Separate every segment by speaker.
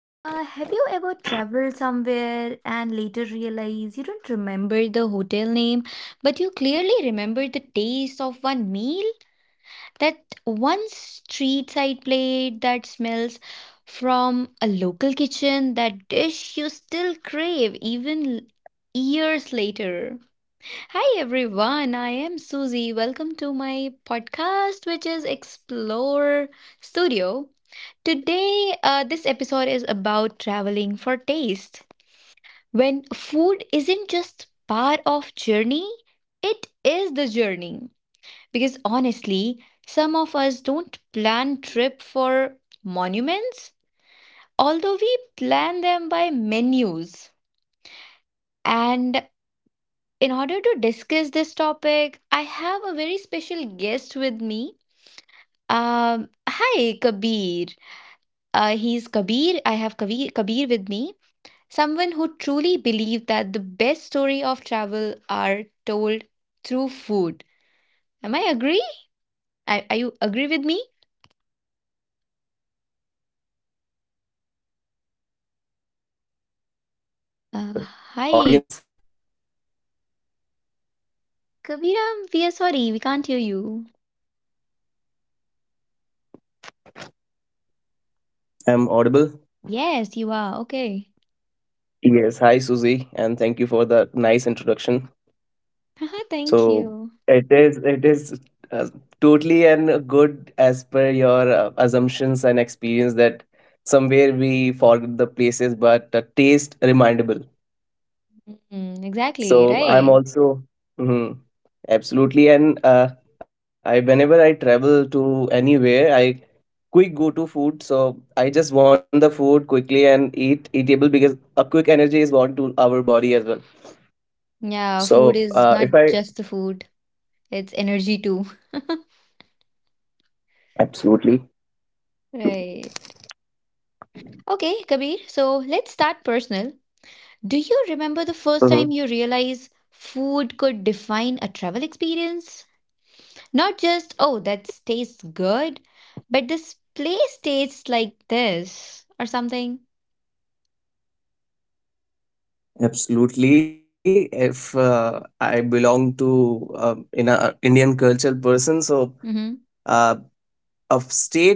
Speaker 1: Have you ever traveled somewhere and later realize you don't remember the hotel name, but you clearly remember the taste of one meal? That one street side plate that smells from a local kitchen, that dish you still crave even years later. Hi everyone, I am Susie. Welcome to my podcast, which is Explore Studio. Today, this episode is about traveling for taste. When food isn't just part of journey, it is the journey. Because honestly, some of us don't plan trip for monuments, although we plan them by menus. And in order to discuss this topic, I have a very special guest with me. Hi, Kabir. He's Kabir. I have Kabir with me. Someone who truly believed that the best story of travel are told through food. Am I agree? Are you agree with me?
Speaker 2: Yes, absolutely, Suzy. And hello to you as well and your
Speaker 1: Uh,
Speaker 2: audience.
Speaker 1: Hi, Kaviram. We are sorry, we can't hear you.
Speaker 2: I'm audible.
Speaker 1: Yes, you are. Okay.
Speaker 2: Yes, hi Suzy, and thank you for the nice introduction.
Speaker 1: Haha, thank
Speaker 2: So
Speaker 1: you.
Speaker 2: it is uh, totally and good as per your assumptions and experience that somewhere we forget the places, but taste remindable.
Speaker 1: Mm, exactly,
Speaker 2: So
Speaker 1: right.
Speaker 2: I'm also. Mhm. Absolutely, and I whenever I travel to anywhere, I quick go-to food. So I just want the food quickly and eat eatable because a quick energy is want to our body as well.
Speaker 1: Yeah,
Speaker 2: So
Speaker 1: food is
Speaker 2: if
Speaker 1: not
Speaker 2: I,
Speaker 1: just the food, it's energy too.
Speaker 2: absolutely.
Speaker 1: Right. Okay, Kabir. So let's start personal. Do you remember the first time
Speaker 2: Mhm.
Speaker 1: you realized food could define a travel experience? Not just, oh, that tastes good, but this place tastes like this or something.
Speaker 2: Absolutely. If I belong to in a Indian cultural person, so
Speaker 1: Mm-hmm.
Speaker 2: uh, a state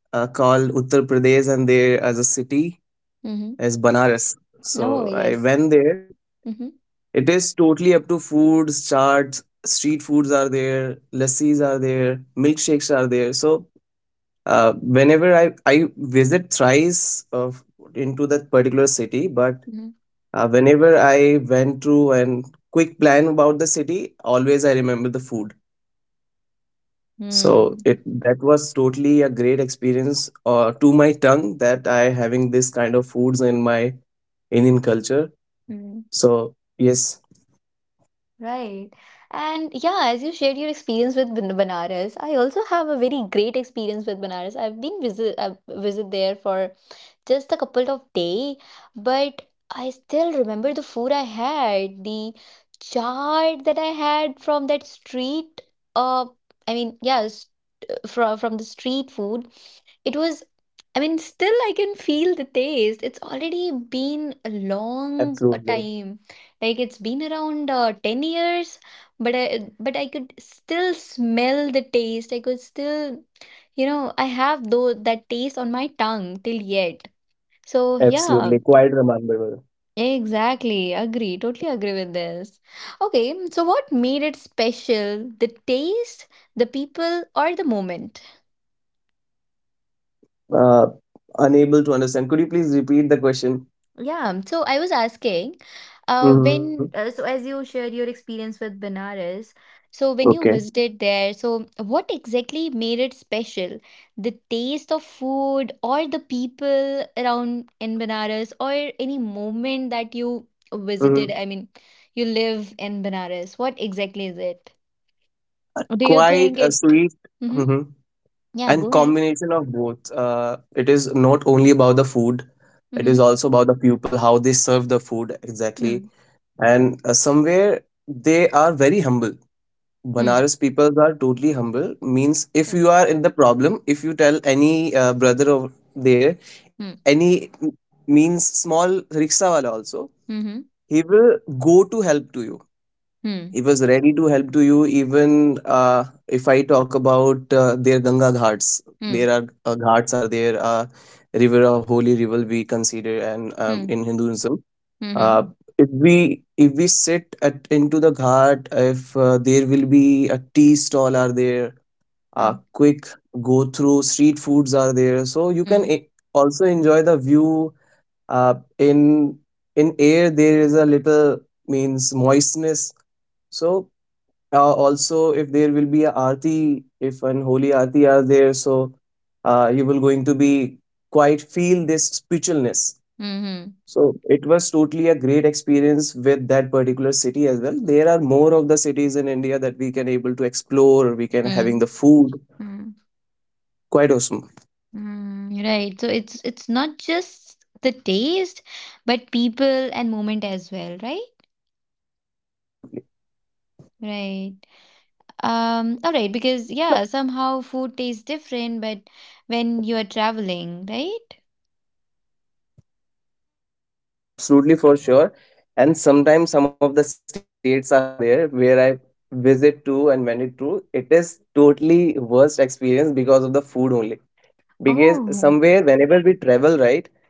Speaker 2: called Uttar Pradesh, and there as a city
Speaker 1: Mm-hmm.
Speaker 2: is Banaras.
Speaker 1: Oh,
Speaker 2: So I
Speaker 1: yes.
Speaker 2: went there.
Speaker 1: Mm-hmm.
Speaker 2: It is totally up to foods, charts, street foods are there, lassis are there, milkshakes are there. So whenever I visit thrice of into that particular city, but
Speaker 1: Mm-hmm.
Speaker 2: whenever I went through and quick plan about the city, always I remember the food. So
Speaker 1: Mm.
Speaker 2: it that was totally a great experience to my tongue that I having this kind of foods in my Indian culture.
Speaker 1: Mm.
Speaker 2: So yes,
Speaker 1: Right. And yeah, as you shared your experience with Banaras, I also have a very great experience with Banaras. I've visit there for just a couple of day, but I still remember the food I had, the chaat that I had from that street, uh I mean, yes, from the street food. It was, I mean, still I can feel the taste. It's already been a long
Speaker 2: absolutely.
Speaker 1: time, like it's been around 10 years, but I could still smell the taste. I could still, you know, I have though that taste on my tongue till yet. So,
Speaker 2: Absolutely.
Speaker 1: yeah,
Speaker 2: Quite remarkable.
Speaker 1: exactly. Agree. Totally agree with this. Okay, so what made it special? The taste, the people, or the moment?
Speaker 2: Uh, unable to understand. Could you please repeat the question?
Speaker 1: Yeah, so I was asking,
Speaker 2: Hmm.
Speaker 1: when so as you shared your experience with Benares, so when
Speaker 2: Okay.
Speaker 1: you visited there, so what exactly made it special? The taste of food, or the people around in Benares, or any moment that you visited?
Speaker 2: Hmm.
Speaker 1: I mean, you live in Benares. What exactly is it? Do you
Speaker 2: Quite
Speaker 1: think
Speaker 2: a
Speaker 1: it?
Speaker 2: sweet,
Speaker 1: Mm-hmm.
Speaker 2: mhm,
Speaker 1: Yeah,
Speaker 2: and
Speaker 1: go ahead.
Speaker 2: combination of both. It is not only about the food, it is
Speaker 1: Mm-hmm.
Speaker 2: also about the people, how they serve the food exactly.
Speaker 1: Mm.
Speaker 2: And somewhere they are very humble.
Speaker 1: Mm.
Speaker 2: Banaras people are totally humble. Means if
Speaker 1: Right.
Speaker 2: you are in the problem, if you tell any brother over there,
Speaker 1: Mm.
Speaker 2: any m- means small rickshaw wala also
Speaker 1: Mm-hmm.
Speaker 2: he will go to help to you,
Speaker 1: Mm.
Speaker 2: he was ready to help to you, even if I talk about their Ganga Ghats, there
Speaker 1: Mm.
Speaker 2: are ghats are there, river, a holy river we consider, and
Speaker 1: Mm.
Speaker 2: in Hinduism,
Speaker 1: Mm-hmm.
Speaker 2: uh, if we if we sit at into the ghat, if there will be a tea stall are there,
Speaker 1: Mm.
Speaker 2: quick go through, street foods are there, so you can
Speaker 1: Mm.
Speaker 2: also enjoy the view. uh, in in air there is a little, means moistness. So also if there will be a aarti, if an holy aarti are there, so you will going to be quite feel this spiritualness.
Speaker 1: Mhm.
Speaker 2: So it was totally a great experience with that particular city as well. There are more of the cities in India that we can able to explore, we can having
Speaker 1: Mm.
Speaker 2: the food
Speaker 1: Hmm.
Speaker 2: quite awesome,
Speaker 1: Right. So it's not just the taste, but people and moment as well, right?
Speaker 2: absolutely.
Speaker 1: Right. All right, because yeah, somehow food tastes different, but when you are traveling, right?
Speaker 2: Absolutely, for sure. And sometimes some of the states are there where I visit to and went it to. It is totally worst experience because of the food only. Because somewhere
Speaker 1: Oh.
Speaker 2: whenever we travel, right,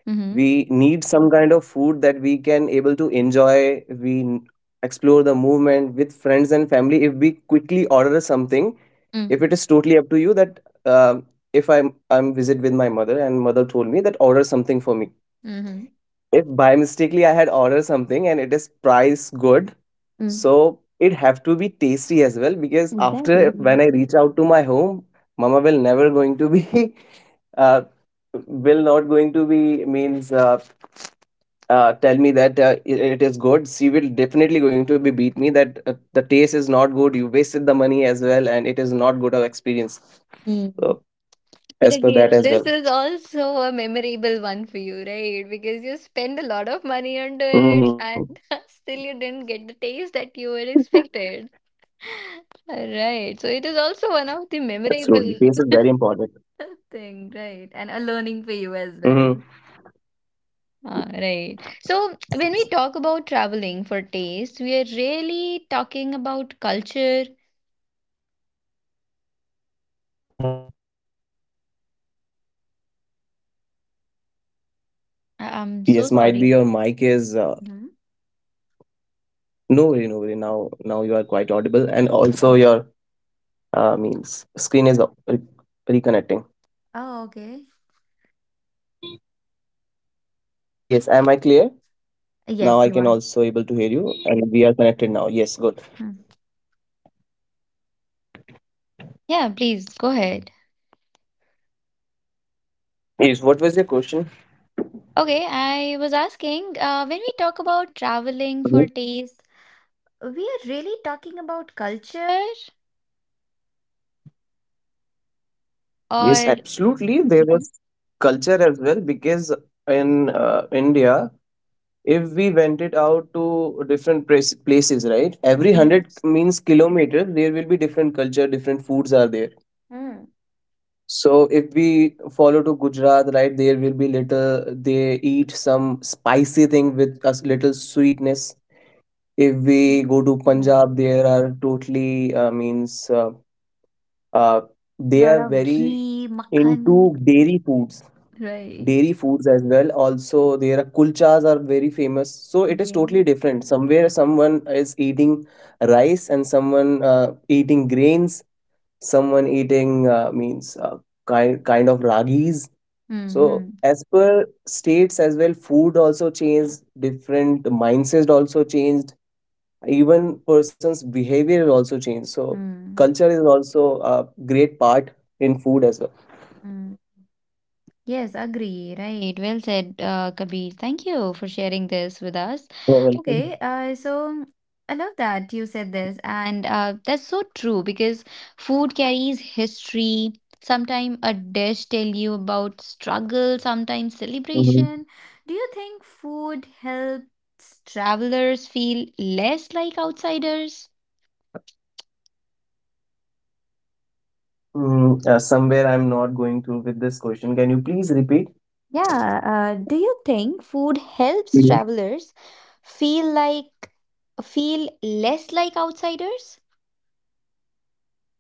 Speaker 2: we
Speaker 1: Mm-hmm.
Speaker 2: need some kind of food that we can able to enjoy. We explore the movement with friends and family. If we quickly order something, if
Speaker 1: Mm.
Speaker 2: it is totally up to you, that uh, if I'm visit with my mother, and mother told me that order something for me,
Speaker 1: Mm-hmm.
Speaker 2: if by mistakenly I had ordered something and it is price good,
Speaker 1: Mm.
Speaker 2: so it have to be tasty as well, because after when
Speaker 1: Exactly.
Speaker 2: I reach out to my home, mama will never going to be uh, will not going to be means tell me that it is good. She will definitely going to be beat me that the taste is not good. You wasted the money as well, and it is not good of experience.
Speaker 1: Mm.
Speaker 2: So
Speaker 1: But
Speaker 2: as
Speaker 1: again,
Speaker 2: per that
Speaker 1: this
Speaker 2: as
Speaker 1: is
Speaker 2: well.
Speaker 1: also a memorable one for you, right? Because you spend a lot of money
Speaker 2: Hmm.
Speaker 1: onto it and still you didn't get the taste that you were expected. All right. So it is also one of the
Speaker 2: Absolutely, taste is very
Speaker 1: memorable
Speaker 2: important.
Speaker 1: thing, right? And a learning for you as well.
Speaker 2: Mm-hmm.
Speaker 1: Ah, right. So when we talk about traveling for taste, we are really talking about culture. I'm so
Speaker 2: Yes, might be
Speaker 1: sorry.
Speaker 2: your mic is
Speaker 1: Mhm.
Speaker 2: no worry, no worry. Now you are quite audible, and also
Speaker 1: Okay.
Speaker 2: your means screen is reconnecting.
Speaker 1: Oh, okay.
Speaker 2: Yes, am I clear?
Speaker 1: Yes,
Speaker 2: Now
Speaker 1: you
Speaker 2: I
Speaker 1: are.
Speaker 2: can also able to hear you, and we are connected now. Yes, good.
Speaker 1: Yeah, please go ahead.
Speaker 2: Yes, what was your question?
Speaker 1: Okay, I was asking, when we talk about traveling for
Speaker 2: Mhm.
Speaker 1: taste, we are really talking about culture
Speaker 2: Yes,
Speaker 1: or
Speaker 2: absolutely. There was
Speaker 1: Mhm.
Speaker 2: culture as well, because in India, if we went it out to different places, right? Every hundred
Speaker 1: Yes.
Speaker 2: means kilometers, there will be different culture, different foods are there.
Speaker 1: Mm.
Speaker 2: So if we follow to Gujarat, right, there will be little they eat some spicy thing with a little sweetness. If we
Speaker 1: Mhm.
Speaker 2: go to Punjab, there are totally means uh, they
Speaker 1: Lot
Speaker 2: are
Speaker 1: of
Speaker 2: very
Speaker 1: ghee, makhan.
Speaker 2: into
Speaker 1: Right.
Speaker 2: dairy foods as well. Also, their kulchas are very famous. So it is
Speaker 1: Yeah.
Speaker 2: totally different. Somewhere someone is eating rice and someone eating grains, someone eating means kind of ragis. So
Speaker 1: Mm-hmm.
Speaker 2: as per states as well, food also changed, different mindsets also changed, even person's behavior also changed. So
Speaker 1: Mm.
Speaker 2: culture is also a great part in food as well.
Speaker 1: Yes, agree. Right. Well said, Kabir. Thank you for sharing this with us.
Speaker 2: You're welcome.
Speaker 1: Okay. So I love that you said this, and that's so true, because food carries history. Sometimes a dish tell you about struggle, sometimes
Speaker 2: Mhm.
Speaker 1: celebration. Do you think food helps travelers feel less like outsiders?
Speaker 2: Mm, somewhere I'm not going through with this question. Can you please repeat?
Speaker 1: Yeah, do you think food helps
Speaker 2: Mhm.
Speaker 1: travelers feel like feel less like outsiders?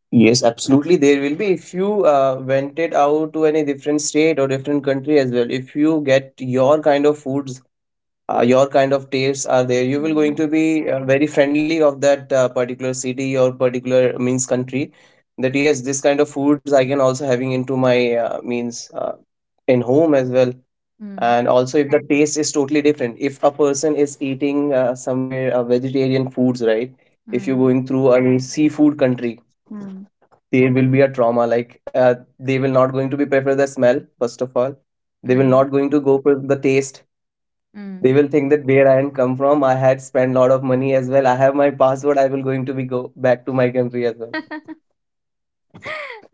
Speaker 2: Yes, absolutely. There will be if you went it out to any different state or different country as well. If you get your kind of foods, your kind of tastes are there, you will
Speaker 1: Mm,
Speaker 2: going to be very friendly of that particular city or particular means country, that yes, this kind of foods I can also having into my means in home as well.
Speaker 1: mm,
Speaker 2: And also if the, right, taste is totally different, if a person is eating somewhere vegetarian foods, right, if you're
Speaker 1: mm,
Speaker 2: going through a seafood country,
Speaker 1: mm,
Speaker 2: there will be a trauma, like they will not going to be prefer the smell, first of all they will
Speaker 1: mm,
Speaker 2: not going to go for the taste. They
Speaker 1: mm.
Speaker 2: will think that where I am come from, I had spent lot of money as well. I have my passport. I will going to be go back to my country as well.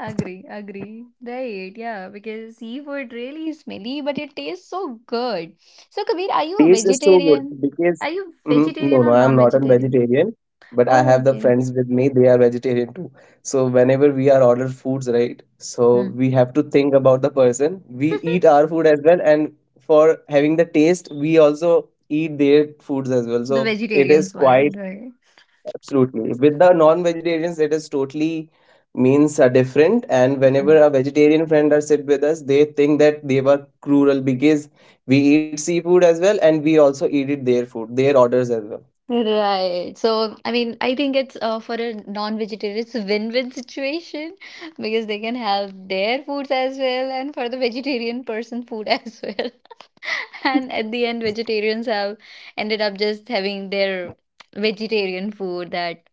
Speaker 1: Agree, agree. Right, yeah, because seafood really is smelly, but it tastes so good. So, Kabir, are you a
Speaker 2: Taste is so good
Speaker 1: vegetarian?
Speaker 2: because,
Speaker 1: Are you
Speaker 2: mhm, no,
Speaker 1: vegetarian
Speaker 2: no,
Speaker 1: or
Speaker 2: I am not a
Speaker 1: non-vegetarian?
Speaker 2: vegetarian, but I
Speaker 1: Oh,
Speaker 2: have the
Speaker 1: okay.
Speaker 2: friends with me. They are vegetarian too. So whenever we are order foods, right? So
Speaker 1: Hmm.
Speaker 2: we have to think about the person. We eat our food as well, and for having the taste, we also eat their foods as well. So
Speaker 1: The
Speaker 2: it is
Speaker 1: vegetarians one,
Speaker 2: quite,
Speaker 1: right?
Speaker 2: absolutely. With the non-vegetarians, it is totally means are different. And whenever a vegetarian friend are sit with us, they think that they were cruel because we eat seafood as well, and we also eat it their food, their orders as well.
Speaker 1: Right. So, I mean, I think it's for a non-vegetarian, it's a win-win situation because they can have their foods as well, and for the vegetarian person, food as well. And at the end, vegetarians have ended up just having their vegetarian food, that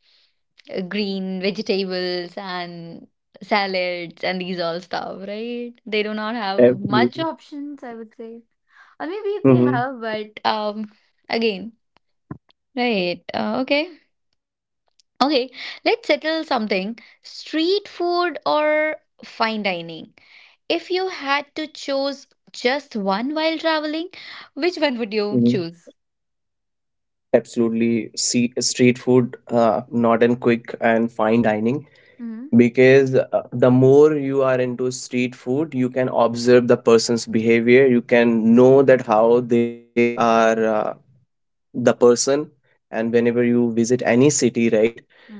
Speaker 1: green vegetables and salads and these all stuff, right? They do not have much
Speaker 2: Absolutely.
Speaker 1: options, I would say. Or maybe if they have,
Speaker 2: Hmm.
Speaker 1: but again, right. Okay. Okay, let's settle something. Street food or fine dining? If you had to choose just one while traveling, which one would you
Speaker 2: Hmm.
Speaker 1: choose?
Speaker 2: Absolutely. See, street food, not in quick and fine dining.
Speaker 1: Mm-hmm.
Speaker 2: Because the more you are into street food, you can observe the person's behavior. You can know that how they are. The person, and whenever you visit any city, right,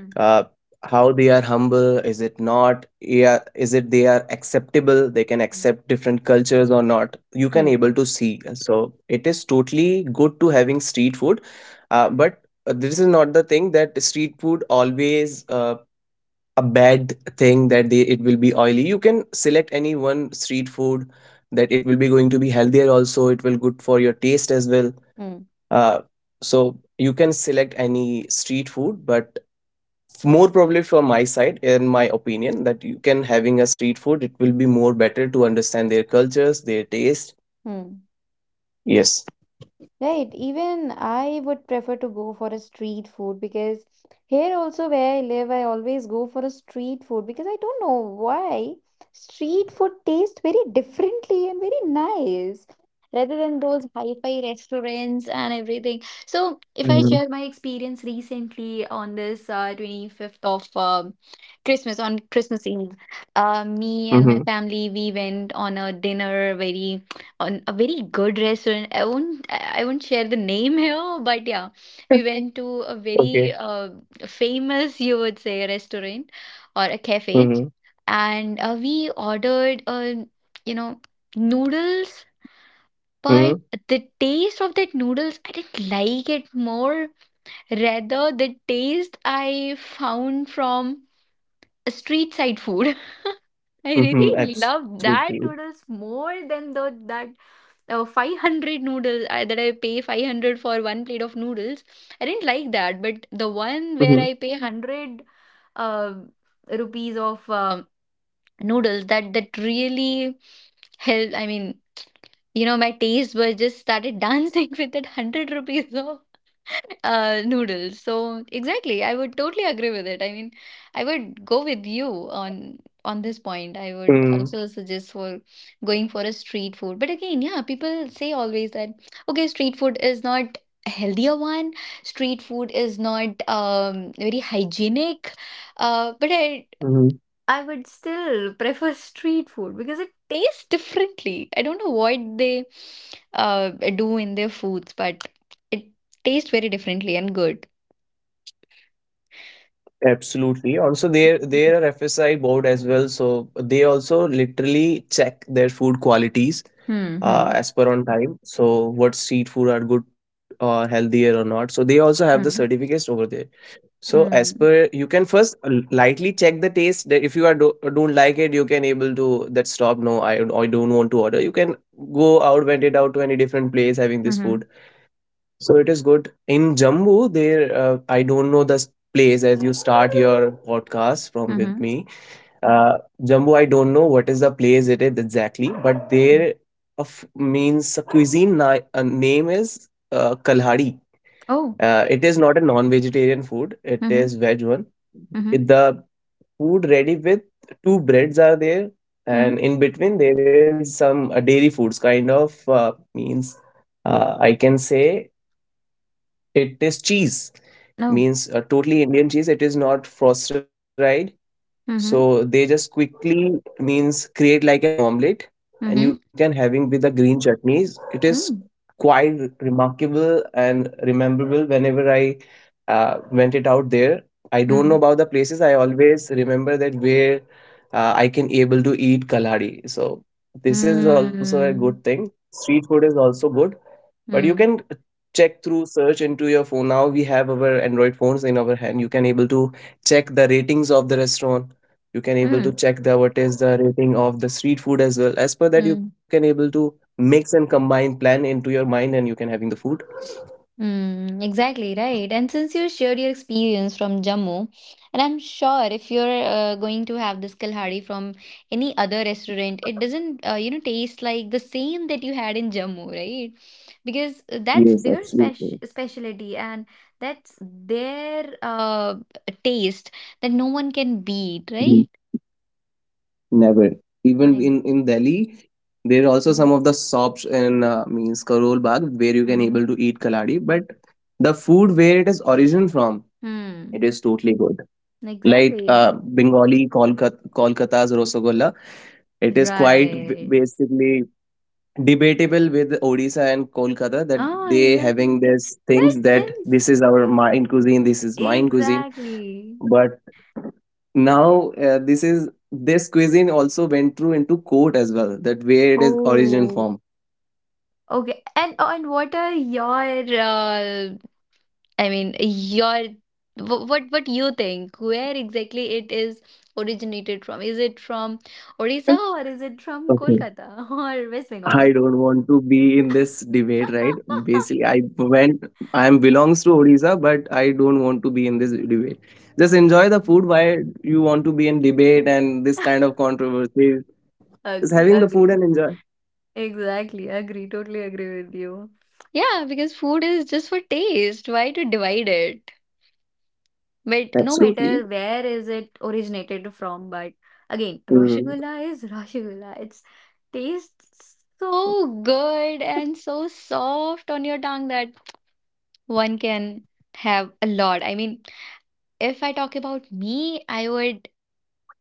Speaker 2: uh, how they are humble, is it not, yeah, is it they are acceptable, they can
Speaker 1: Mm-hmm.
Speaker 2: accept different cultures or not, you can
Speaker 1: Hmm.
Speaker 2: able to see. So it is totally good to having street food. But this is not the thing that street food always a bad thing, that they it will be oily. You can select any one street food, that it will be going to be healthier, also it will good for your taste as well.
Speaker 1: Hmm.
Speaker 2: uh, so you can select any street food, but more probably from my side, in my opinion, that you can having a street food, it will be more better to understand their cultures, their taste.
Speaker 1: Hmm.
Speaker 2: Yes.
Speaker 1: Right, even I would prefer to go for a street food, because here also where I live, I always go for a street food because I don't know why street food tastes very differently and very nice rather than those hi-fi restaurants and everything. So, if I
Speaker 2: Mm-hmm.
Speaker 1: share my experience recently, on this 25th of Christmas, on Christmas Eve, me and my
Speaker 2: Mm-hmm.
Speaker 1: family we went on a dinner, very on a very good restaurant. I won't share the name here, but yeah, we went to a very
Speaker 2: Okay.
Speaker 1: famous, you would say, restaurant or a cafe,
Speaker 2: Mhm,
Speaker 1: and we ordered, you know noodles. But
Speaker 2: mhm,
Speaker 1: the taste of that noodles, I didn't like it more. Rather, the taste I found from street side food. I really
Speaker 2: mhm,
Speaker 1: love that
Speaker 2: absolutely.
Speaker 1: noodles more than the that 500 noodles. That I pay 500 for one plate of noodles. I didn't like that, but the
Speaker 2: Mhm,
Speaker 1: one where I pay 100 uh, rupees of noodles, that really helped. I mean, you know, my taste was just started dancing with that 100 rupees of noodles. So exactly, I would totally agree with it. I mean, I would go with you on this point. I
Speaker 2: mm,
Speaker 1: would also suggest for going for a street food. But again, yeah, people say always that okay, street food is not a healthier one. Street food is not very hygienic. Uh, but I
Speaker 2: mhm,
Speaker 1: I would still prefer street food because it tastes differently. I don't know what they do in their foods, but it tastes very differently and good.
Speaker 2: absolutely. Also, there are FSI board as well, so they also literally check their food qualities
Speaker 1: Hmm. Hmm.
Speaker 2: as per on time. So, what street food are good or healthier or not. So, they also have the certificates over there. So, as
Speaker 1: Hmm.
Speaker 2: per you can first lightly check the taste, that if you are do, don't like it, you can able to that stop. No, I don't want to order. You can go out, went it out to any different place having this
Speaker 1: Hmm.
Speaker 2: food. So it is good. In Jammu, there, I don't know the place as you start your podcast from with
Speaker 1: Hmm.
Speaker 2: me. Uh, Jammu, I don't know what is the place it is exactly, but
Speaker 1: Hmm.
Speaker 2: there of means a cuisine name is Kalhadi.
Speaker 1: Oh.
Speaker 2: It is not a non-vegetarian food. It
Speaker 1: Hmm.
Speaker 2: is veg one. It,
Speaker 1: Hmm.
Speaker 2: the food ready with two breads are there,
Speaker 1: Hmm.
Speaker 2: and in between there is some dairy foods kind of means I can say it is cheese, means
Speaker 1: No.
Speaker 2: a totally Indian cheese. It is not frosted. So they
Speaker 1: Hmm.
Speaker 2: just quickly means create like an omelette, and you can
Speaker 1: Hmm.
Speaker 2: having with the green chutneys. It is
Speaker 1: Hmm.
Speaker 2: quite remarkable and rememberable. Whenever I went it out there, I don't know about the
Speaker 1: Hmm.
Speaker 2: places. I always remember that where I can able to eat kalari. So this is also a good thing.
Speaker 1: Hmm.
Speaker 2: Street food is also good, but you can
Speaker 1: Hmm.
Speaker 2: check through search into your phone. Now we have our android phones in our hand, you can able to check the ratings of the restaurant. You can able to check the
Speaker 1: Hmm.
Speaker 2: what is the rating of the street food as well. As per that you can able
Speaker 1: Hmm.
Speaker 2: to mix and combine plan into your mind and you can having the food.
Speaker 1: Mm, exactly right. And since you shared your experience from Jammu, and I'm sure if you're going to have this Kalhari from any other restaurant, it doesn't, taste like the same that you had in Jammu, right? Because
Speaker 2: Yes,
Speaker 1: that's their
Speaker 2: absolutely.
Speaker 1: special specialty and that's their taste that no one can beat,
Speaker 2: Mhm.
Speaker 1: right?
Speaker 2: Never, even
Speaker 1: Like,
Speaker 2: in Delhi there are also some of the shops in means Karol Bagh where you can
Speaker 1: mm-hmm.
Speaker 2: able to eat kaladi, but the food where it is origin from, it
Speaker 1: Hmm.
Speaker 2: is totally good. Like
Speaker 1: Exactly.
Speaker 2: Bengali Kolkata, Kolkata's Rosagolla. It is quite
Speaker 1: Right.
Speaker 2: basically debatable with Odisha and Kolkata that
Speaker 1: Oh,
Speaker 2: they
Speaker 1: exactly.
Speaker 2: having these
Speaker 1: But
Speaker 2: things that this
Speaker 1: since
Speaker 2: is our mine cuisine, this is mine cuisine.
Speaker 1: Exactly.
Speaker 2: But now this cuisine also went through into court as well, that where it is origin
Speaker 1: Oh,
Speaker 2: from.
Speaker 1: okay. And oh, and what are your I mean, your what you think, where exactly it is originated from? Is it from Odisha or is it from
Speaker 2: Okay.
Speaker 1: Kolkata or West
Speaker 2: I
Speaker 1: Bengal?
Speaker 2: don't want to be in this debate, right? Basically, I am belongs to Odisha, but I don't want to be in this debate. Just
Speaker 1: Okay.
Speaker 2: enjoy the food. Why you want to be in debate and this kind of controversy? Just
Speaker 1: Agree,
Speaker 2: having the food
Speaker 1: agree.
Speaker 2: and enjoy.
Speaker 1: Exactly, agree. Totally agree with you. Yeah, because food is just for taste. Why to divide it? But no
Speaker 2: Absolutely.
Speaker 1: matter where is it originated from, but again,
Speaker 2: Mm.
Speaker 1: Rasgulla is Rasgulla. It's tastes so good and so soft on your tongue that one can have a lot. I mean, if I talk about me, I would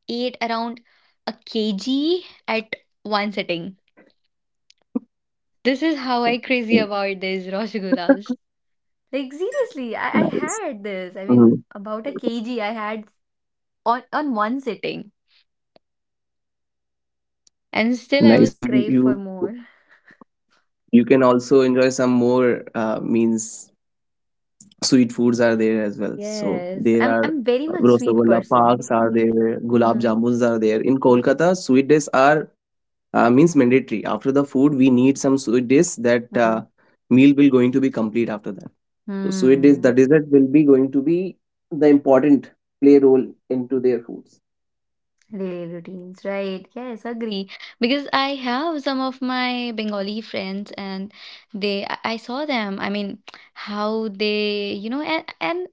Speaker 1: eat around a kg at one sitting. This is how I crazy about these Rasgullas. Like seriously, I
Speaker 2: Nice.
Speaker 1: had this. I mean,
Speaker 2: Mm.
Speaker 1: about a kg I had on one sitting. And still I
Speaker 2: Nice.
Speaker 1: was
Speaker 2: You
Speaker 1: crave for
Speaker 2: you
Speaker 1: more.
Speaker 2: you can also enjoy some more means sweet foods are there as well. So
Speaker 1: Yes.
Speaker 2: there
Speaker 1: I'm
Speaker 2: are
Speaker 1: I'm very much sweet
Speaker 2: Rosagolla
Speaker 1: person.
Speaker 2: parks are there, gulab
Speaker 1: Mhm.
Speaker 2: jamuns are there. In Kolkata, sweet dishes are means mandatory. After the food we need some sweet dish, that
Speaker 1: Mhm.
Speaker 2: meal will going to be complete after that. So sweet dish, the
Speaker 1: Hmm.
Speaker 2: dessert will be going to be the important play role into their foods.
Speaker 1: Daily routines, right? Yes, agree. Because I have some of my Bengali friends, and they, I saw them. I mean, how they, you know, and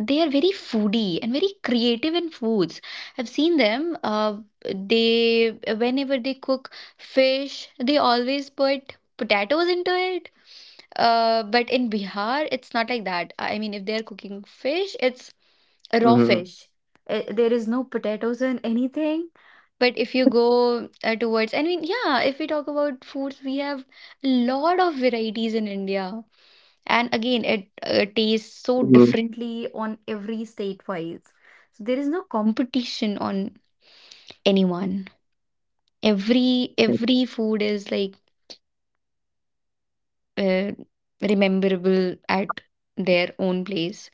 Speaker 1: they are very foodie and very creative in foods. I've seen them. They Whenever they cook fish, they always put potatoes into it. But in Bihar, it's not like that. I mean, if they're cooking fish, it's raw
Speaker 2: Hmm.
Speaker 1: fish, there is no potatoes in anything. But if you go towards, I mean, yeah, if we talk about foods, we have a lot of varieties in India. And again, it tastes so
Speaker 2: Hmm.
Speaker 1: differently on every state wise. So there is no competition on anyone. Every food is like uh, rememberable at their own place.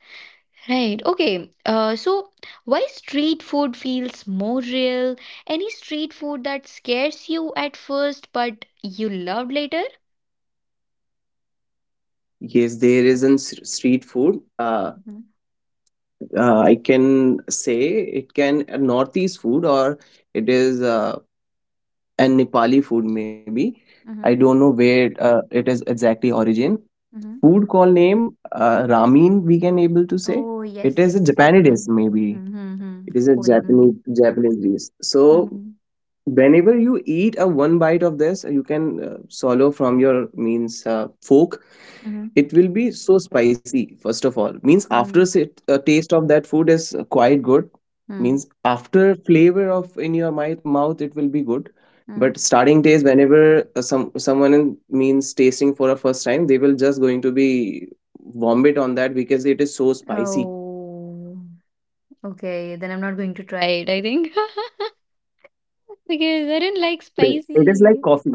Speaker 1: Right. Okay. So why street food feels more real? Any street food that scares you at first but you love later?
Speaker 2: Yes, there is an street food.
Speaker 1: Mm-hmm.
Speaker 2: I can say it can a northeast food, or it is a nepali food maybe. I
Speaker 1: Mm-hmm.
Speaker 2: don't know where it is exactly origin.
Speaker 1: Mm-hmm.
Speaker 2: Food called name, ramen, we can able to say.
Speaker 1: Oh,
Speaker 2: It
Speaker 1: yes,
Speaker 2: is a
Speaker 1: yes.
Speaker 2: Japanese dish
Speaker 1: Ramen.
Speaker 2: maybe.
Speaker 1: Mm-hmm. Mm-hmm,
Speaker 2: It is a
Speaker 1: Korean.
Speaker 2: Japanese dish. So
Speaker 1: Mm-hmm.
Speaker 2: whenever you eat a one bite of this, you can swallow from your means fork.
Speaker 1: Mm-hmm.
Speaker 2: It will be so spicy first of all. Means after
Speaker 1: Mm-hmm.
Speaker 2: sit, taste of that food is quite good. Means after flavor of in your mouth it will be good,
Speaker 1: Mm-hmm.
Speaker 2: but starting taste whenever someone means tasting for a first time, they will just going to be vomit on that because it is so spicy.
Speaker 1: Oh, okay. Then I'm not going to try it, I think. Because I didn't like
Speaker 2: Well, it is like
Speaker 1: spicy.
Speaker 2: coffee.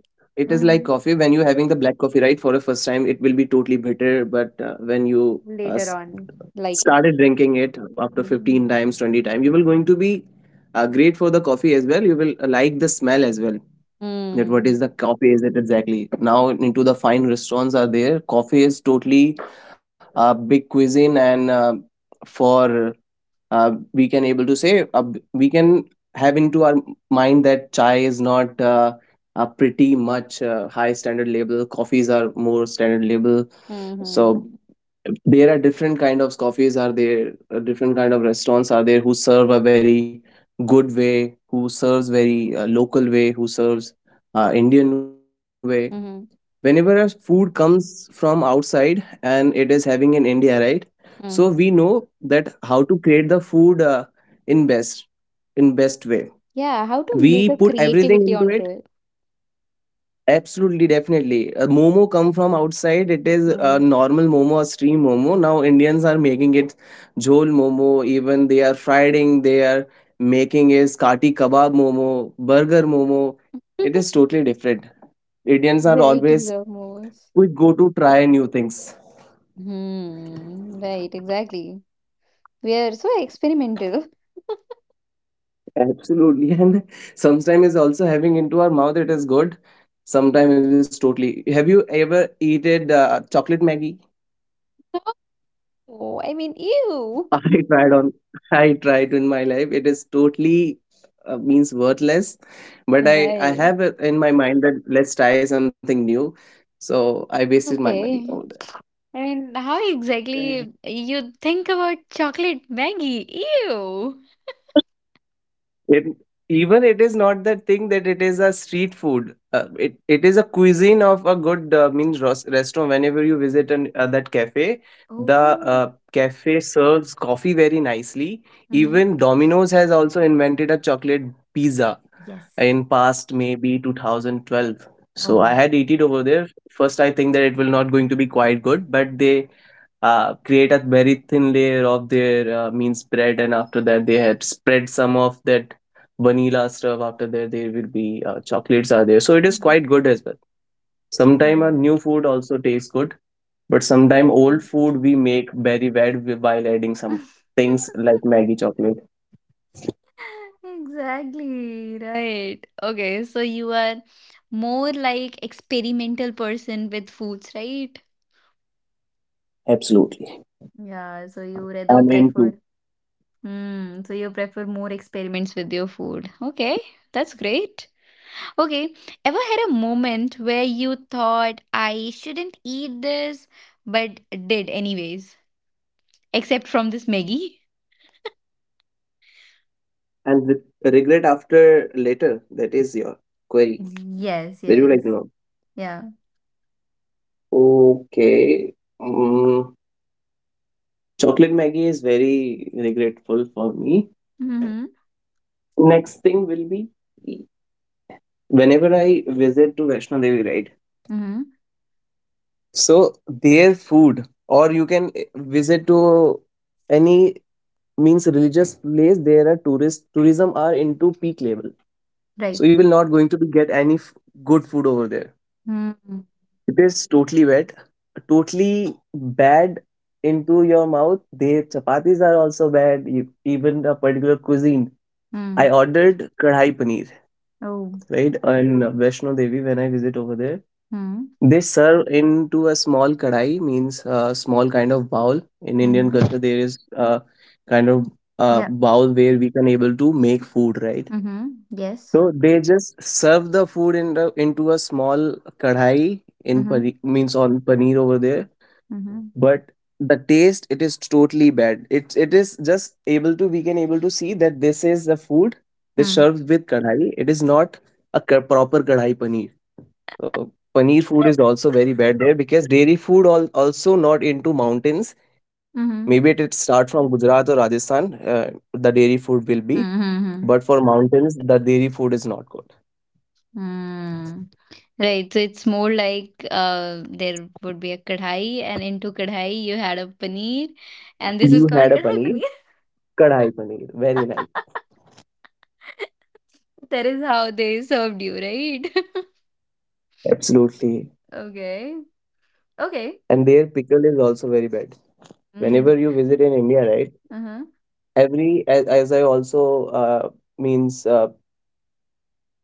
Speaker 2: It is like coffee
Speaker 1: Mm-hmm.
Speaker 2: when you having the black coffee, right? For a first time it will be totally bitter, but when you uh, s-
Speaker 1: Later on, like it.
Speaker 2: started drinking it up to
Speaker 1: Mm-hmm.
Speaker 2: 15 times 20 times, you will going to be great for the coffee as well. You will like the smell as well, that what is
Speaker 1: Mm.
Speaker 2: the coffee is it exactly. Now into the fine restaurants are there, coffee is totally big cuisine, and for we can able to say we can have into our mind that chai is not a pretty much high standard label. Coffees are more standard label.
Speaker 1: Mhm.
Speaker 2: So there are different kind of coffees are there, different kind of restaurants are there who serve a very good way, who serves very local way, who serves indian way.
Speaker 1: Mhm.
Speaker 2: Whenever a food comes from outside and it is having in india, right? So we
Speaker 1: Mhm.
Speaker 2: know that how to create the food in best in best way.
Speaker 1: Yeah, how to
Speaker 2: We
Speaker 1: make
Speaker 2: put
Speaker 1: a
Speaker 2: everything
Speaker 1: creativity
Speaker 2: into it.
Speaker 1: onto it.
Speaker 2: Absolutely, definitely. Momo come from outside. It is
Speaker 1: Mm.
Speaker 2: normal momo or stream momo. Now Indians are making it jhol momo. Even they are frying. They are making is kati kebab momo, burger momo. It is totally different. Indians are
Speaker 1: Varieties
Speaker 2: always
Speaker 1: of moves.
Speaker 2: we go to try new things.
Speaker 1: Hmm. Right, exactly. We are so experimental.
Speaker 2: Absolutely, and sometimes is also having into our mouth. It is good. Sometimes it is totally. Have you ever eaten chocolate Maggie?
Speaker 1: No, I mean,
Speaker 2: I
Speaker 1: ew.
Speaker 2: tried on I tried in my life. It is totally means worthless, but I
Speaker 1: Right.
Speaker 2: have it in my mind that let's try something new. So I wasted my money over
Speaker 1: Okay. I mean, how
Speaker 2: there.
Speaker 1: exactly you think about chocolate Maggie? Ew.
Speaker 2: It, even it is not that thing that it is a street food. It is a cuisine of a good restaurant. Whenever you visit an, that cafe, the
Speaker 1: Oh.
Speaker 2: cafe serves coffee very nicely.
Speaker 1: Mm-hmm.
Speaker 2: Even Domino's has also invented a chocolate pizza
Speaker 1: Yes.
Speaker 2: in past maybe 2012. So I
Speaker 1: Oh.
Speaker 2: had eaten over there. First, I think that it will not going to be quite good, but they create a very thin layer of their mean spread, and after that they had spread some of that vanilla stuff. After that, there will be chocolates are there, so it is
Speaker 1: Mhm.
Speaker 2: quite good as well. Sometime a
Speaker 1: Oh.
Speaker 2: new food also tastes good, but sometime old
Speaker 1: Right.
Speaker 2: food we make very bad while adding some things like Maggie chocolate.
Speaker 1: Exactly, right. Okay, so you are more like experimental person with foods, right?
Speaker 2: Absolutely.
Speaker 1: Yeah, so you rather
Speaker 2: I'm into.
Speaker 1: prefer so you prefer more experiments with your food. Okay, that's great. Okay, ever had a moment where you thought I shouldn't eat this, but did anyways, except from this Maggie?
Speaker 2: And with regret after later, that is your query.
Speaker 1: Yes,
Speaker 2: That you would like
Speaker 1: yes.
Speaker 2: to
Speaker 1: Yeah.
Speaker 2: know. Okay. Mm. Chocolate Maggie is very regretful for me.
Speaker 1: Mm-hmm.
Speaker 2: Next thing will be whenever I visit to Vaishno Devi, right?
Speaker 1: Mm-hmm.
Speaker 2: So their food, or you can visit to any means religious place. There are tourist tourism are into peak level, so
Speaker 1: Right.
Speaker 2: you will not going to be get any good food over there.
Speaker 1: Mm-hmm.
Speaker 2: It is totally wet, totally bad into your mouth. Their chapatis are also bad. Even a particular cuisine. I ordered kadhai paneer,
Speaker 1: Oh.
Speaker 2: right? And Vaishno Devi, when I visit over there,
Speaker 1: Mhm,
Speaker 2: they serve into a small kadai, means a small kind of bowl. In Indian
Speaker 1: mhm,
Speaker 2: culture, there is a kind of
Speaker 1: yep,
Speaker 2: bowl where we can able to make food, right?
Speaker 1: mhm, yes,
Speaker 2: So they just serve the food in the, into a small kadhai in
Speaker 1: mhm,
Speaker 2: pani, means on paneer over there,
Speaker 1: mhm,
Speaker 2: but the taste, it is totally bad. It is just able to we can able to see that this is the food that's
Speaker 1: mm,
Speaker 2: served with kadhai. It is not a proper kadhai paneer. So paneer food is also very bad there, because dairy food all, also not into mountains. Maybe
Speaker 1: mhm,
Speaker 2: it start from gujarat or rajasthan. The dairy food will be,
Speaker 1: mhm, mhm,
Speaker 2: but for mountains the dairy food is not
Speaker 1: mm. Right, so it's more like there would be a kadhai, and into kadhai you had a paneer, and
Speaker 2: good.
Speaker 1: this is
Speaker 2: You
Speaker 1: called
Speaker 2: had a
Speaker 1: kadhai
Speaker 2: paneer
Speaker 1: paneer.
Speaker 2: kadhai paneer, very nice.
Speaker 1: That is how they served you, right?
Speaker 2: Absolutely,
Speaker 1: Okay, okay,
Speaker 2: and their pickle is also very bad. Whenever
Speaker 1: mm,
Speaker 2: you visit in india, right?
Speaker 1: uh-huh,
Speaker 2: Every as I also uh, means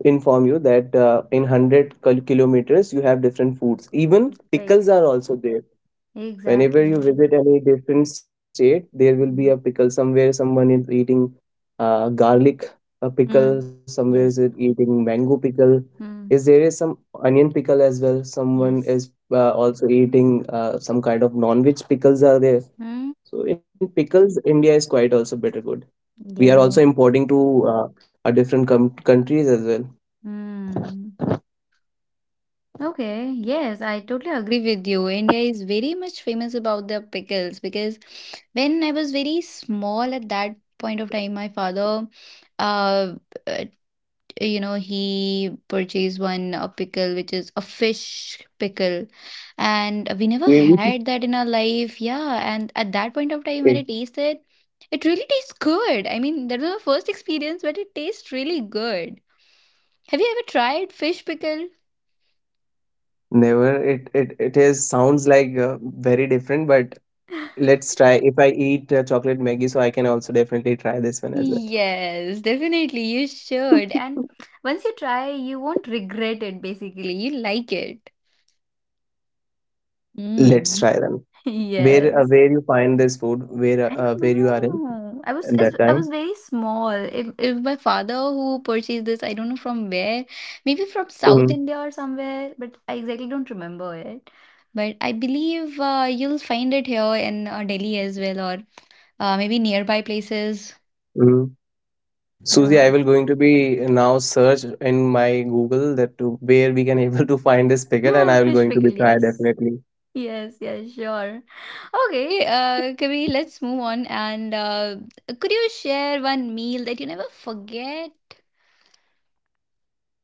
Speaker 2: inform you that in 100 kilometers you have different foods. Even
Speaker 1: right,
Speaker 2: pickles are also there. Whenever you
Speaker 1: exactly,
Speaker 2: visit any different state, there will be a
Speaker 1: mm,
Speaker 2: pickle somewhere. Someone is eating garlic a pickle.
Speaker 1: mm,
Speaker 2: Somewhere is it
Speaker 1: yes,
Speaker 2: eating mango pickle. Is there
Speaker 1: mm,
Speaker 2: is some onion pickle as well. Someone is
Speaker 1: yes,
Speaker 2: also eating some kind of non-veg pickles are there.
Speaker 1: mm.
Speaker 2: So in pickles india is quite also better good. We are also
Speaker 1: Yeah.
Speaker 2: importing to different countries as well.
Speaker 1: Hmm. Okay. Yes, I totally agree with you. India is very much famous about their pickles because when I was very small at that point of time, my father, uh, uh, he purchased one pickle which is a fish pickle, and we never
Speaker 2: Really?
Speaker 1: had that in our life. Yeah, and at that point of time
Speaker 2: Okay.
Speaker 1: when I tasted, it really tastes good. I mean, that was my first experience, but it tastes really good. Have you ever tried fish pickle?
Speaker 2: Never. It is sounds like very different, but let's try. If I eat chocolate Maggie, so I can also definitely try this one as well.
Speaker 1: Yes, definitely you should. And once you try, you won't regret it basically. You like it.
Speaker 2: Let's
Speaker 1: Mm.
Speaker 2: try them.
Speaker 1: Yes.
Speaker 2: Where you find this food?
Speaker 1: I don't
Speaker 2: Where you are in
Speaker 1: know. I was
Speaker 2: at that
Speaker 1: I
Speaker 2: time?
Speaker 1: was very small. It was my father who purchased this. I don't know from where. Maybe from South
Speaker 2: Hmm.
Speaker 1: India or somewhere, but I exactly don't remember it. But I believe you'll find it here in Delhi as well, or maybe nearby places.
Speaker 2: Hmm. Susie,
Speaker 1: Yeah.
Speaker 2: I will going to be now search in my Google that to where we can able to find this pickle, and
Speaker 1: Yeah,
Speaker 2: I will
Speaker 1: fish
Speaker 2: going to be
Speaker 1: pickle,
Speaker 2: try
Speaker 1: yes.
Speaker 2: definitely
Speaker 1: Yes, yes, sure. Okay, Kabir, let's move on. And could you share one meal that you never forget?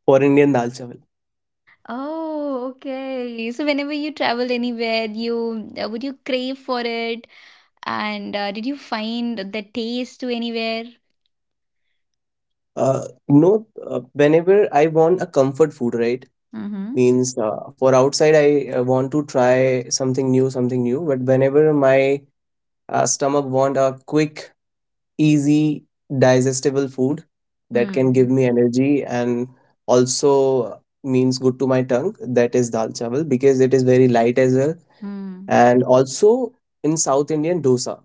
Speaker 2: for Indian dal chawal.
Speaker 1: Oh, okay. So whenever you travel anywhere, you would you crave for it? And did you find the taste to anywhere?
Speaker 2: No, whenever I want a comfort food, right?
Speaker 1: Mm-hmm.
Speaker 2: Means for outside, I want to try something new. But whenever my stomach want a quick, easy, digestible food that can give
Speaker 1: Mm.
Speaker 2: me energy and also means good to my tongue, that is dal chawal because it is very light as well.
Speaker 1: Mm.
Speaker 2: And also in South Indian dosa,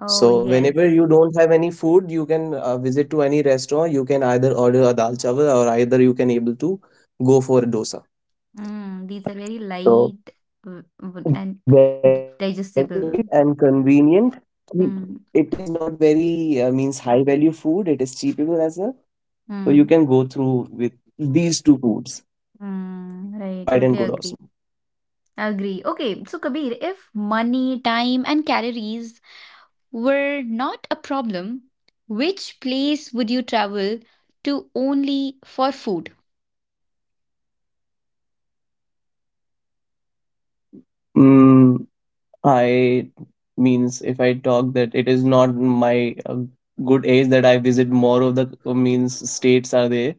Speaker 1: Oh,
Speaker 2: so whenever
Speaker 1: yes.
Speaker 2: you don't have any food, you can visit to any restaurant. You can either order a dal chawal or either you can able to go for a dosa.
Speaker 1: Mm. These are very
Speaker 2: So
Speaker 1: light
Speaker 2: very
Speaker 1: and
Speaker 2: light and convenient.
Speaker 1: digestible.
Speaker 2: Mm. It is not
Speaker 1: Mm.
Speaker 2: very means high value food. It is cheapable as well. So you can go through with
Speaker 1: Mm.
Speaker 2: these two foods, quite and good
Speaker 1: Mm,
Speaker 2: awesome.
Speaker 1: right, totally agree. Agree. Okay, so Kabir, if money, time, and calories were not a problem, which place would you travel to only for food?
Speaker 2: Mm. I means if I talk that it is not my uh, good age that I visit more of the means states are there,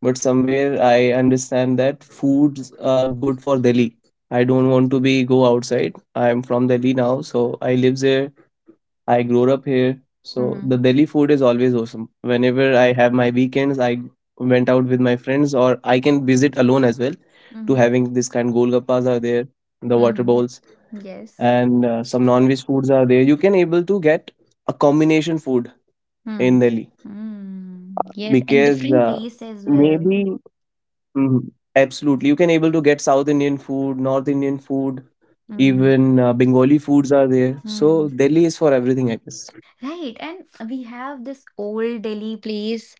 Speaker 2: but somewhere I understand that foods are good for Delhi. I don't want to be go outside. I'm from Delhi now, so I live here. I grew up here, so the
Speaker 1: Mm-hmm.
Speaker 2: Delhi food is always awesome. Whenever I have my weekends, I went out with my friends, or I can visit alone as well. To
Speaker 1: Mm-hmm.
Speaker 2: having this kind golgappas are there, the water
Speaker 1: Mm-hmm.
Speaker 2: bowls,
Speaker 1: Yes.
Speaker 2: and some non-veg foods are there. You can able to get a combination food
Speaker 1: Mm.
Speaker 2: in Delhi,
Speaker 1: Mm. Yes, and
Speaker 2: because
Speaker 1: different taste as well.
Speaker 2: maybe Mhm. Absolutely. You can able to get South Indian food, North Indian food,
Speaker 1: Mm.
Speaker 2: even Bengali foods are there. So
Speaker 1: Mm.
Speaker 2: Delhi is for everything, I guess.
Speaker 1: Right, and we have this old Delhi place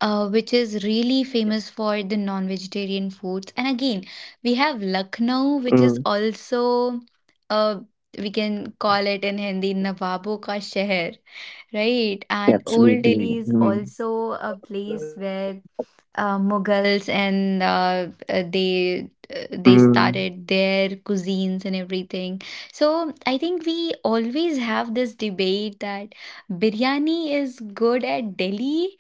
Speaker 1: which is really famous for the non vegetarian foods. And again, we have Lucknow, which is
Speaker 2: Mm,
Speaker 1: also, uh, we can call it in Hindi, Nawabon ka Sheher, right? And Old Delhi is
Speaker 2: absolutely.
Speaker 1: also
Speaker 2: Mm.
Speaker 1: a place where Mughals and
Speaker 2: Mm.
Speaker 1: they started their cuisines and everything. So I think we always have this debate that biryani is good at Delhi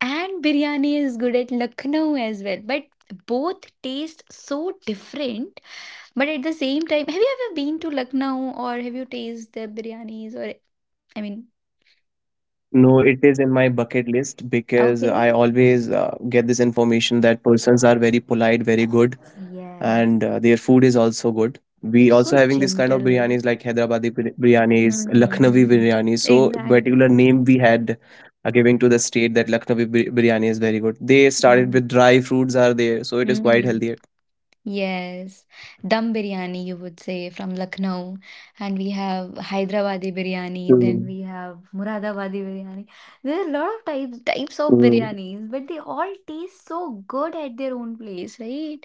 Speaker 1: and biryani is good at Lucknow as well, but both taste so different. But at the same time, have you ever been to Lucknow or have you tasted their biryanis or I mean,
Speaker 2: No, it is in my bucket list because I always
Speaker 1: okay,
Speaker 2: get this information that persons are very polite, very good, and their food
Speaker 1: yes,
Speaker 2: is also good. We also
Speaker 1: they're
Speaker 2: having this
Speaker 1: so
Speaker 2: kind of biryanis like
Speaker 1: gentle.
Speaker 2: Hyderabadi biryanis, Lucknowi
Speaker 1: Mhm.
Speaker 2: biryani. So particular
Speaker 1: Exactly.
Speaker 2: name we had giving to the state that Lucknowi biryani is very good. They started
Speaker 1: Mm.
Speaker 2: with dry fruits are there, so it is quite
Speaker 1: Mm.
Speaker 2: healthier.
Speaker 1: Yes. Dum biryani, you would say, from Lucknow. And we have Hyderabadi biryani, then
Speaker 2: Mm.
Speaker 1: we have Muradabadi biryani. There are a lot of types of
Speaker 2: Mm.
Speaker 1: biryanis, but they all taste so good at their own place, right?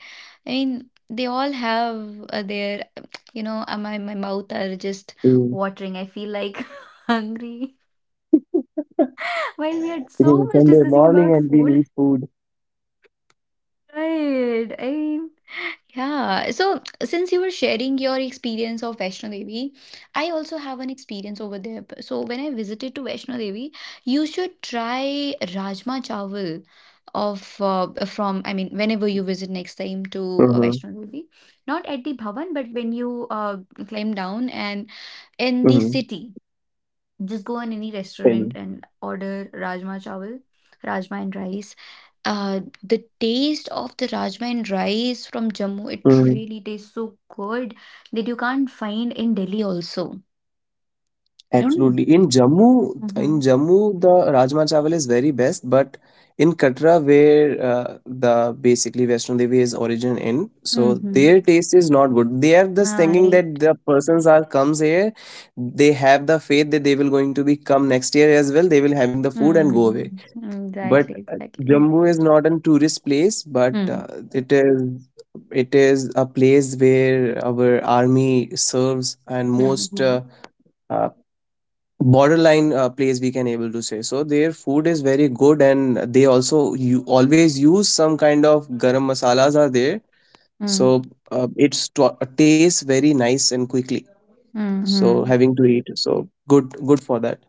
Speaker 1: I mean, they all have my mouth are just
Speaker 2: Mm.
Speaker 1: watering. I feel like hungry. While we had
Speaker 2: It is
Speaker 1: so
Speaker 2: a
Speaker 1: much
Speaker 2: Sunday
Speaker 1: discussing
Speaker 2: morning
Speaker 1: about
Speaker 2: and we
Speaker 1: food,
Speaker 2: need food.
Speaker 1: Right. I Yeah. So since you were sharing your experience of Vaishno Devi, I also have an experience over there. So when I visited to Vaishno Devi, you should try Rajma Chawal of from I mean whenever you visit next time to
Speaker 2: Mm-hmm.
Speaker 1: Vaishno Devi, not at the Bhavan, but when you climb down and in the
Speaker 2: Mm-hmm.
Speaker 1: city. Just go in any restaurant and order rajma chawal, rajma and rice. The taste of the rajma and rice from Jammu, it
Speaker 2: Mm,
Speaker 1: really tastes so good that you can't find in Delhi also. I don't know.
Speaker 2: absolutely. In
Speaker 1: Mm-hmm.
Speaker 2: Jammu, the Rajma Chawal is very best, but in Katra, where the basically Vaishno Devi is origin in, so
Speaker 1: Mm-hmm.
Speaker 2: their taste is not good. They are just
Speaker 1: Ah,
Speaker 2: thinking
Speaker 1: right.
Speaker 2: that the persons are comes here, they have the faith that they will going to be come next year as well. They will having the food and go away.
Speaker 1: Mm, exactly,
Speaker 2: But
Speaker 1: exactly.
Speaker 2: Jammu is not a tourist place, but
Speaker 1: Mm.
Speaker 2: it is it is a place where our army serves and most.
Speaker 1: Mm-hmm.
Speaker 2: Uh, borderline place we can able to say, so their food is very good and they also you always use some kind of garam masalas are there, so
Speaker 1: Mm.
Speaker 2: tastes very nice and quickly, so
Speaker 1: Mm-hmm.
Speaker 2: having to eat so good, good for that.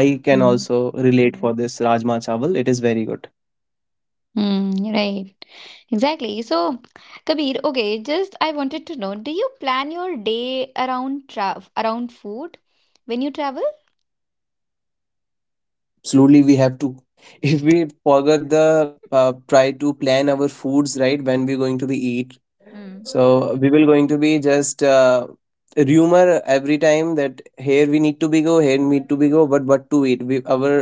Speaker 2: I can
Speaker 1: Hmm.
Speaker 2: also relate for this rajma chawal, it is very good.
Speaker 1: Mm, right. Exactly. So, Kabir, okay, just I wanted to know, do you plan your day around trav around food when you travel?
Speaker 2: Absolutely, we have to. If we forget the try to plan our foods right, when we're going to be eat.
Speaker 1: Mm.
Speaker 2: So we will going to be just rumor every time that here we need to be go, here need to be go, but what to eat? We, our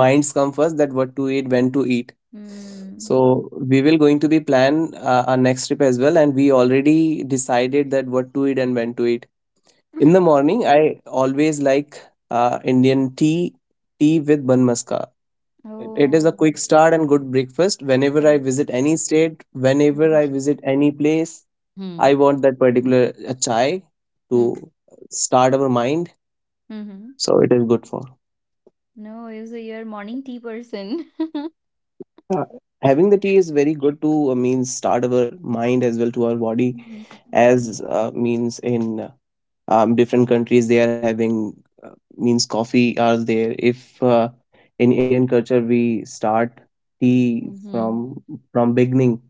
Speaker 2: minds come first, that what to eat, when to eat.
Speaker 1: Mm.
Speaker 2: So we will going to be plan our next trip as well, and we already decided that what to eat and when to eat. In the morning, I always like Indian tea, tea with bun maska. It is a
Speaker 1: Oh,
Speaker 2: quick start and good breakfast. Whenever I
Speaker 1: Right.
Speaker 2: visit any state, whenever
Speaker 1: Mm.
Speaker 2: I visit any place,
Speaker 1: Hmm.
Speaker 2: I want that particular chai to
Speaker 1: Hmm.
Speaker 2: start our mind.
Speaker 1: Mm-hmm.
Speaker 2: So it is good for
Speaker 1: No, you're a morning tea person.
Speaker 2: uh, having the tea is very good to means start our mind as well to our body
Speaker 1: Mm-hmm.
Speaker 2: as means in different countries they are having means coffee are there. If in Indian culture we start tea
Speaker 1: Mm-hmm.
Speaker 2: from beginning.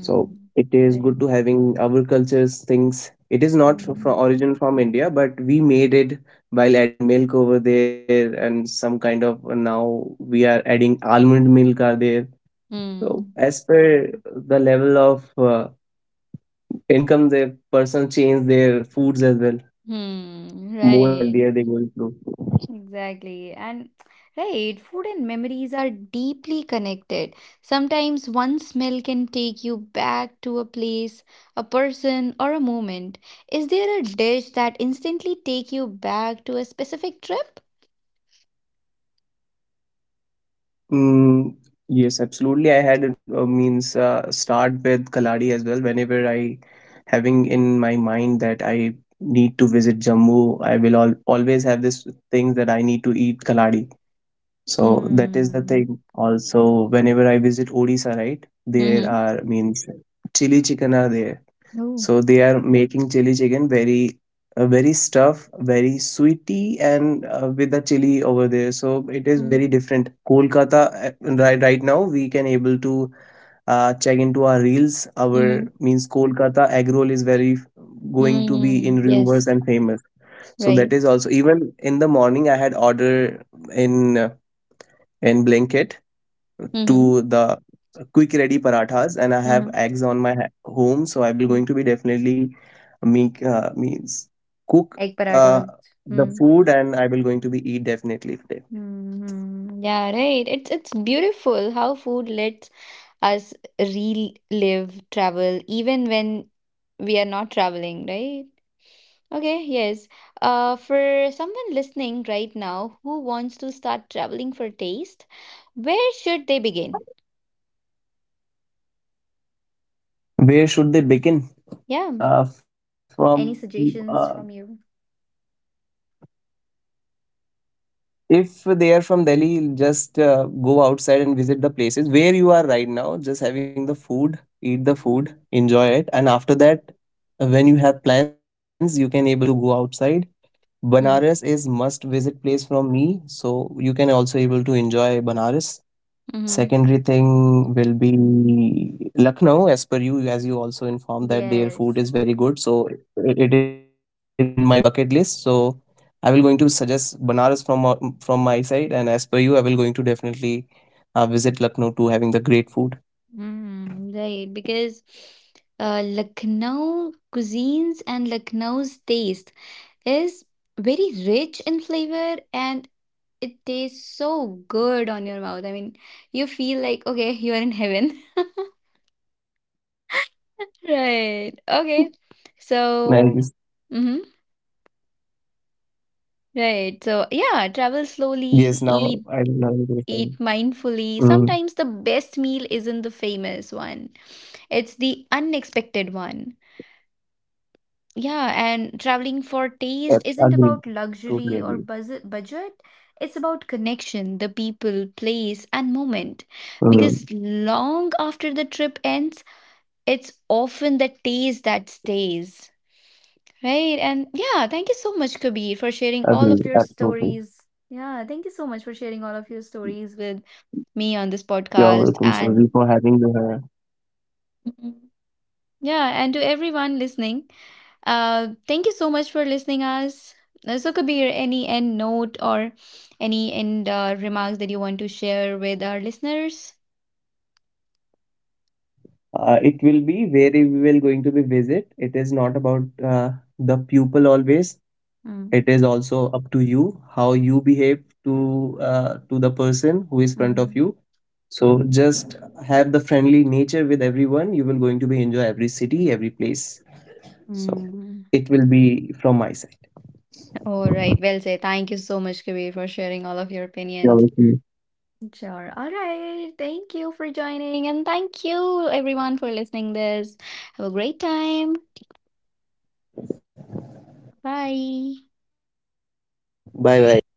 Speaker 2: So it is
Speaker 1: Right.
Speaker 2: good to having our cultures things. It is not from
Speaker 1: Hmm.
Speaker 2: origin from India, but we made it while adding milk over there and some kind of now we are adding almond milk are there. So as per the level of income, the person change their foods as well.
Speaker 1: Hmm.
Speaker 2: More
Speaker 1: Right.
Speaker 2: healthier they going through.
Speaker 1: Exactly. And right, food and memories are deeply connected. Sometimes one smell can take you back to a place, a person, or a moment. Is there a dish that instantly take you back to a specific trip?
Speaker 2: Mm, yes, absolutely. I had means start with Kaladi as well. Whenever I having in my mind that I need to visit Jammu, I will al always have this thing that I need to eat Kaladi. So that is the
Speaker 1: Hmm.
Speaker 2: thing. Also, whenever I visit Odisha, right, there
Speaker 1: Mm-hmm.
Speaker 2: are means chili chicken are there.
Speaker 1: No.
Speaker 2: So they are making chili chicken very, very stuff, very sweety, and with the chili over there. So it is
Speaker 1: Mm-hmm.
Speaker 2: very different. Kolkata, right, right now we can able to check into our reels. Our means Kolkata egg roll is very going to be
Speaker 1: Mm-hmm.
Speaker 2: in rumors
Speaker 1: Yes.
Speaker 2: and famous. So
Speaker 1: Right.
Speaker 2: that is also even in the morning I had order in uh, in Blinkit
Speaker 1: Mm-hmm.
Speaker 2: to the quick ready parathas, and I have
Speaker 1: Mm-hmm.
Speaker 2: eggs on my home, so I will going to be definitely make means cook
Speaker 1: Egg
Speaker 2: uh,
Speaker 1: parathas.
Speaker 2: the food, and I will going to be eat definitely today.
Speaker 1: Hmm. Yeah, right. It's beautiful how food lets us relive travel even when we are not traveling, right? Okay, yes. For someone listening right now who wants to start traveling for taste, where should they begin?
Speaker 2: Where should they begin?
Speaker 1: Yeah.
Speaker 2: From
Speaker 1: Any suggestions from you?
Speaker 2: If they are from Delhi, just go outside and visit the places where you are right now, just having the food, eat the food, enjoy it, and after that, when you have plans you can able to go outside. Banaras is
Speaker 1: Mm.
Speaker 2: must visit place from me, so you can also able to enjoy Banaras. Secondary
Speaker 1: Mm-hmm.
Speaker 2: thing will be Lucknow, as per you, as you also informed that their food is
Speaker 1: Yes.
Speaker 2: very good, so it is in my bucket list. So I will going to suggest Banaras from my side, and as per you, I will going to definitely visit Lucknow to having the great food.
Speaker 1: Mm, right, because Lucknow cuisines and Lucknow's taste is very rich in flavor and it tastes so good on your mouth. I mean, you feel like, okay, you are in heaven. Right. Okay.
Speaker 2: Nice.
Speaker 1: So, mm-hmm. Right. So, yeah,
Speaker 2: Yes,
Speaker 1: travel
Speaker 2: now I will
Speaker 1: slowly,
Speaker 2: now go to the same.
Speaker 1: eat
Speaker 2: Mm,
Speaker 1: mindfully. Sometimes the best meal isn't the famous one. It's the unexpected one. Yeah, and traveling for taste
Speaker 2: agree,
Speaker 1: isn't about
Speaker 2: totally agree.
Speaker 1: luxury or buzz budget. It's about connection, the people, place, and moment.
Speaker 2: Mm.
Speaker 1: Because long after the trip ends, it's often the taste that stays. Right? And yeah, thank you so much, Kabir, for sharing all
Speaker 2: Agree,
Speaker 1: of your
Speaker 2: absolutely.
Speaker 1: stories. Yeah, thank you so much for sharing all of your stories with me on this
Speaker 2: You're
Speaker 1: podcast.
Speaker 2: welcome,
Speaker 1: And
Speaker 2: Suzy, for having me here.
Speaker 1: mm-hmm. Yeah, and to everyone listening, thank you so much for listening us. So Kabir, any end note or any end remarks that you want to share with our listeners?
Speaker 2: It will be where we will going to be visit. It is not about the pupil always.
Speaker 1: Mm,
Speaker 2: It is also up to you how you behave to the person who is front
Speaker 1: mm,
Speaker 2: of you. So just have the friendly nature with everyone. You will going to be enjoy every city, every place. So
Speaker 1: mm.
Speaker 2: it will be from my side.
Speaker 1: All right, well said. Thank you so much, Kabir, for sharing all of your opinions.
Speaker 2: You're welcome.
Speaker 1: Sure. All right. Thank you for joining. And thank you everyone for listening this. Have a great time. Bye.
Speaker 2: Bye bye.